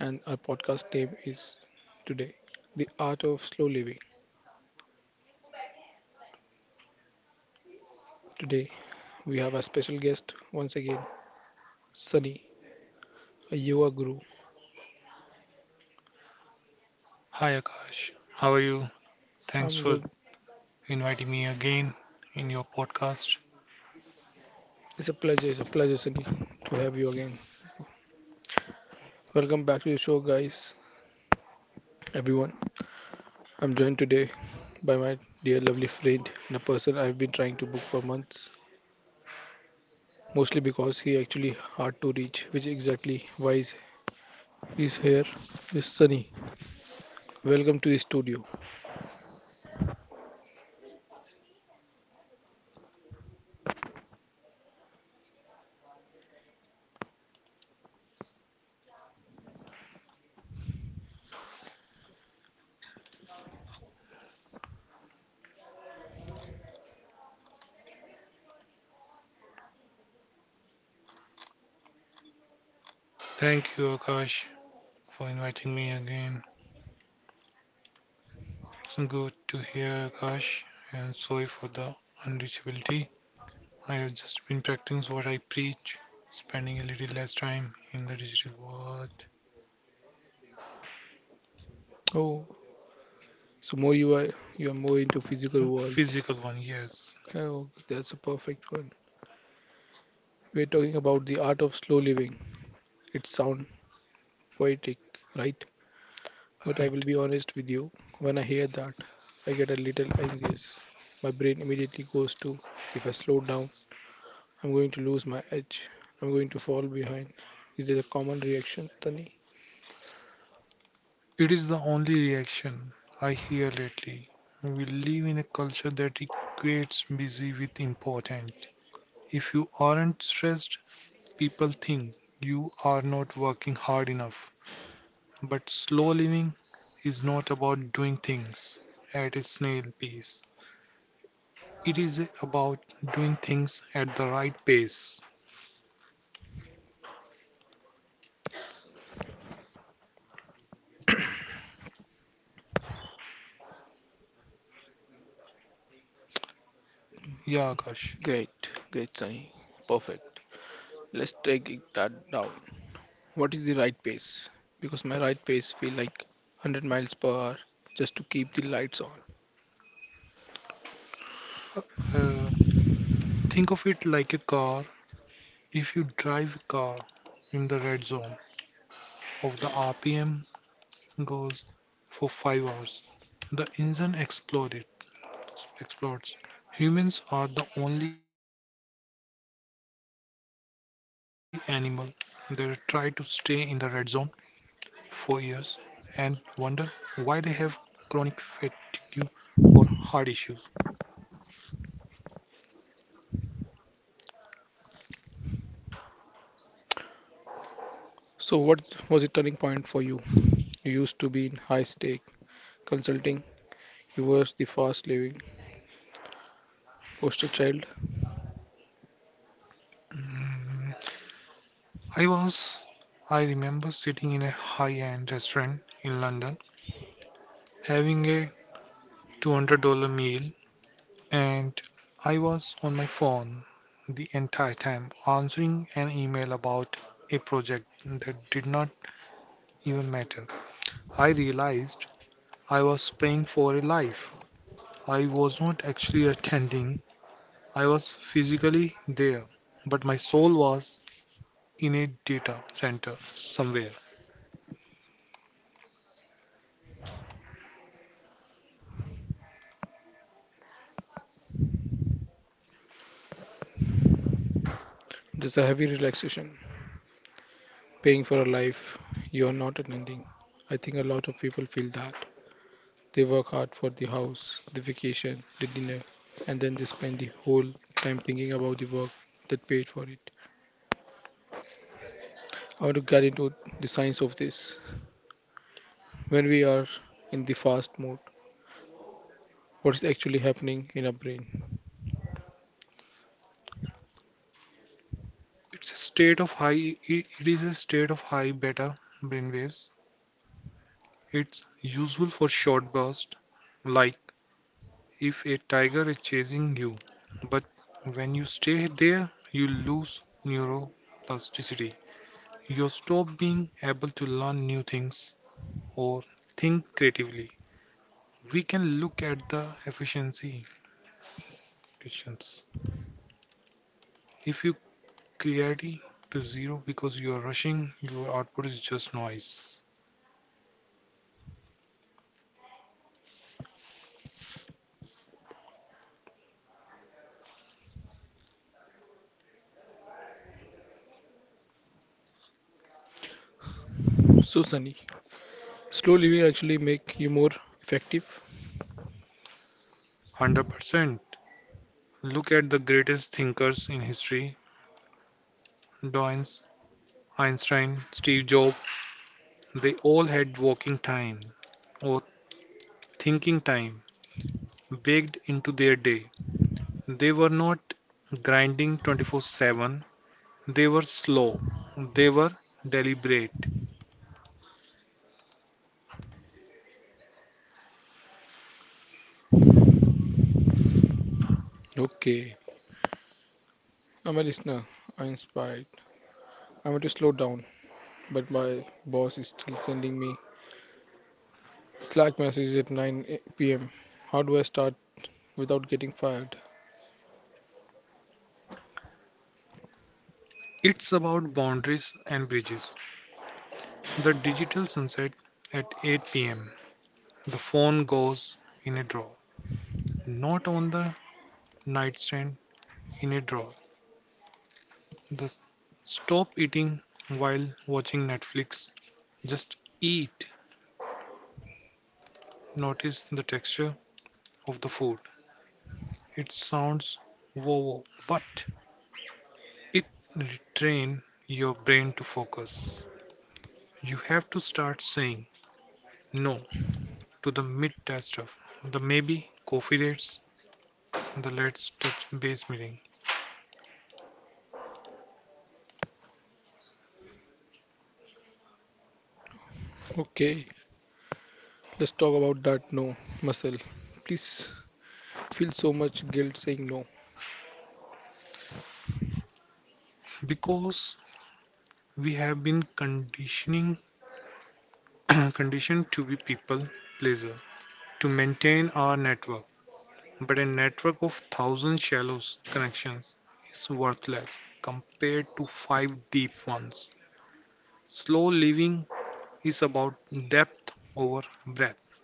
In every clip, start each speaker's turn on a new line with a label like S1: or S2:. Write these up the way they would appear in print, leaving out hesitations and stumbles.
S1: And our podcast name is today The Art of Slow Living. Today, we have a special guest once again, Sunny, a yoga guru.
S2: Hi Akash, how are you? Thanks
S1: I'm
S2: for
S1: good.
S2: inviting me again in your podcast.
S1: It's a pleasure, Sunny, to have you again. Welcome back to the show, guys, everyone. I'm joined today by my dear lovely friend and a person I've been trying to book for months, mostly because he actually hard to reach, which exactly why is here is Sunny. Welcome to the studio.
S2: Thank you, Akash, for inviting me again. It's good to hear, Akash, and sorry for the unreachability. I have just been practicing what I preach, spending a little less time in the digital world.
S1: Oh, so more you are more into physical world.
S2: Physical one, yes.
S1: Oh, that's a perfect one. We're talking about the art of slow living. It sounds poetic, right? But I will
S2: Right.
S1: be honest with you. When I hear that, I get a little anxious. My brain immediately goes to if I slow down, I'm going to lose my edge. I'm going to fall behind. Is that a common reaction, Sunny?
S2: It is the only reaction I hear lately. We live in a culture that equates busy with important. If you aren't stressed, people think you are not working hard enough, but slow living is not about doing things at a snail pace. It is about doing things at the right pace. Yeah, Akash.
S1: Great, great, Sunny. Perfect. Let's take it that down. What is the right pace? Because my right pace feel like 100 miles per hour just to keep the lights on.
S2: Uh, uh, think of it like a car. If you drive a car in the red zone of the RPM goes for 5 hours, the engine exploded, explodes. Humans are the only animal that try to stay in the red zone 4 years and wonder why they have chronic fatigue or heart issues.
S1: So what was the turning point for you? You used to be in high stake consulting. You were the fast living poster child.
S2: Mm, I was. I remember sitting in a high end restaurant in London having a $200 meal, and I was on my phone the entire time answering an email about a project that did not even matter. I realized I was paying for a life I was not actually attending. I was physically there, but my soul was in a data center somewhere.
S1: There's a heavy relaxation, paying for a life you are not attending. I think a lot of people feel that. They work hard for the house, the vacation, the dinner, and then they spend the whole time thinking about the work that paid for it. I want to get into the science of this. When we are in the fast mode, what is actually happening in our brain.
S2: It's a state of high it is a state of high beta brainwaves. It's useful for short bursts, like if a tiger is chasing you. But when you stay there, you lose neuroplasticity. You stop being able to learn new things or think creatively. We can look at the efficiency questions. If you Clarity to zero because you are rushing, your output is just noise.
S1: So, Sunny, slow living actually make you more effective.
S2: 100%. Look at the greatest thinkers in history: Dawkins, Einstein, Steve Jobs. They all had walking time or thinking time baked into their day. They were not grinding 24/7, they were slow, they were deliberate.
S1: Okay, I'm a listener. I'm inspired. I want to slow down, but my boss is still sending me Slack messages at 9 p.m. How do I start without getting fired?
S2: It's about boundaries and bridges. The digital sunset at 8 pm. The phone goes in a drawer. Not on the nightstand, in a drawer. The s- Stop eating while watching Netflix. Just eat. Notice the texture of the food. It sounds woo, but it retrain your brain to focus. You have to start saying no to the mid-test stuff, the maybe coffee dates, the let's touch base meeting,
S1: Okay, let's talk about that no muscle. Please feel so much guilt saying no.
S2: because we have been conditioning conditioned to be people pleaser, to maintain our network, but a network of 1,000 shallow connections is worthless compared to 5 deep ones. Slow living is about depth over breadth.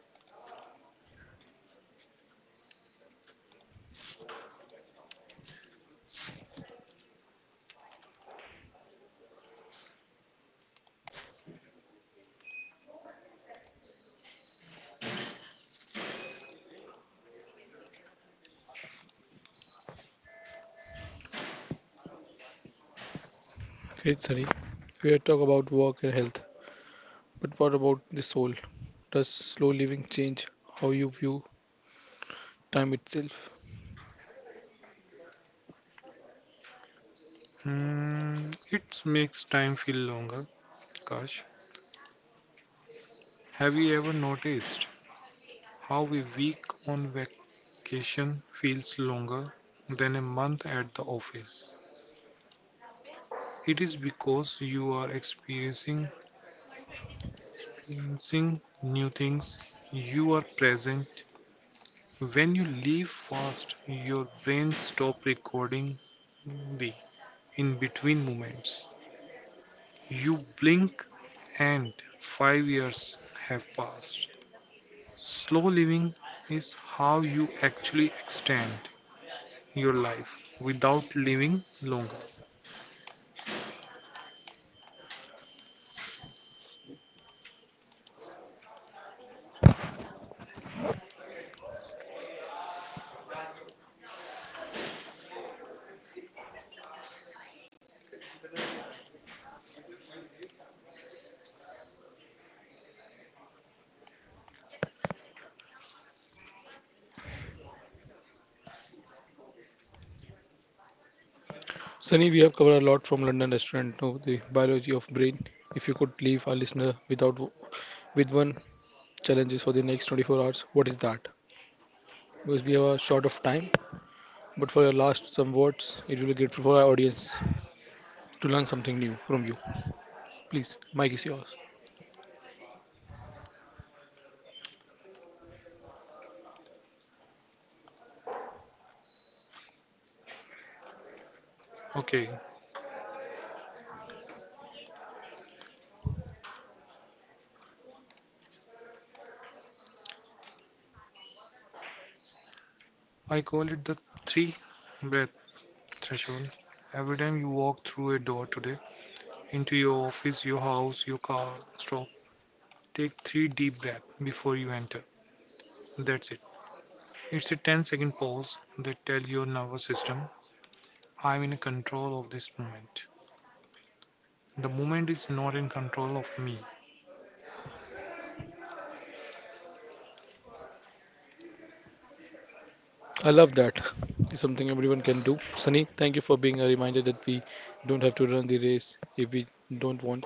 S1: Great, Sunny. We are talk about work and health. But what about the soul? Does slow living change how you view time itself?
S2: Hmm, it makes time feel longer. Gosh, have you ever noticed how a week on vacation feels longer than a month at the office? It is because you are experiencing new things. You are present. When you leave fast, your brain stops recording the in between moments. You blink and 5 years have passed. Slow living is how you actually extend your life without living longer.
S1: Sunny, we have covered a lot from London restaurant to the biology of brain. If you could leave our listener without with one challenges for the next 24 hours, what is that? Because we are short of time, but for your last some words, it will be great for our audience to learn something new from you. Please, mic is yours.
S2: Okay, I call it the three breath threshold. Every time you walk through a door today, into your office, your house, your car, stop, take three deep breaths before you enter. That's it. It's a ten-second pause that tells your nervous system, I'm in control of this moment. The moment is not in control of me.
S1: I love that. It's something everyone can do. Sunny, thank you for being a reminder that we don't have to run the race if we don't want.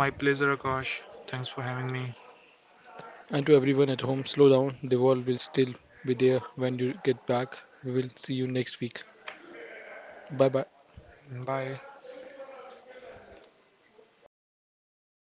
S2: My pleasure, Akash. Thanks for having me.
S1: And to everyone at home, slow down. The world will still be there when you get back. We will see you next week. Bye bye.
S2: Bye.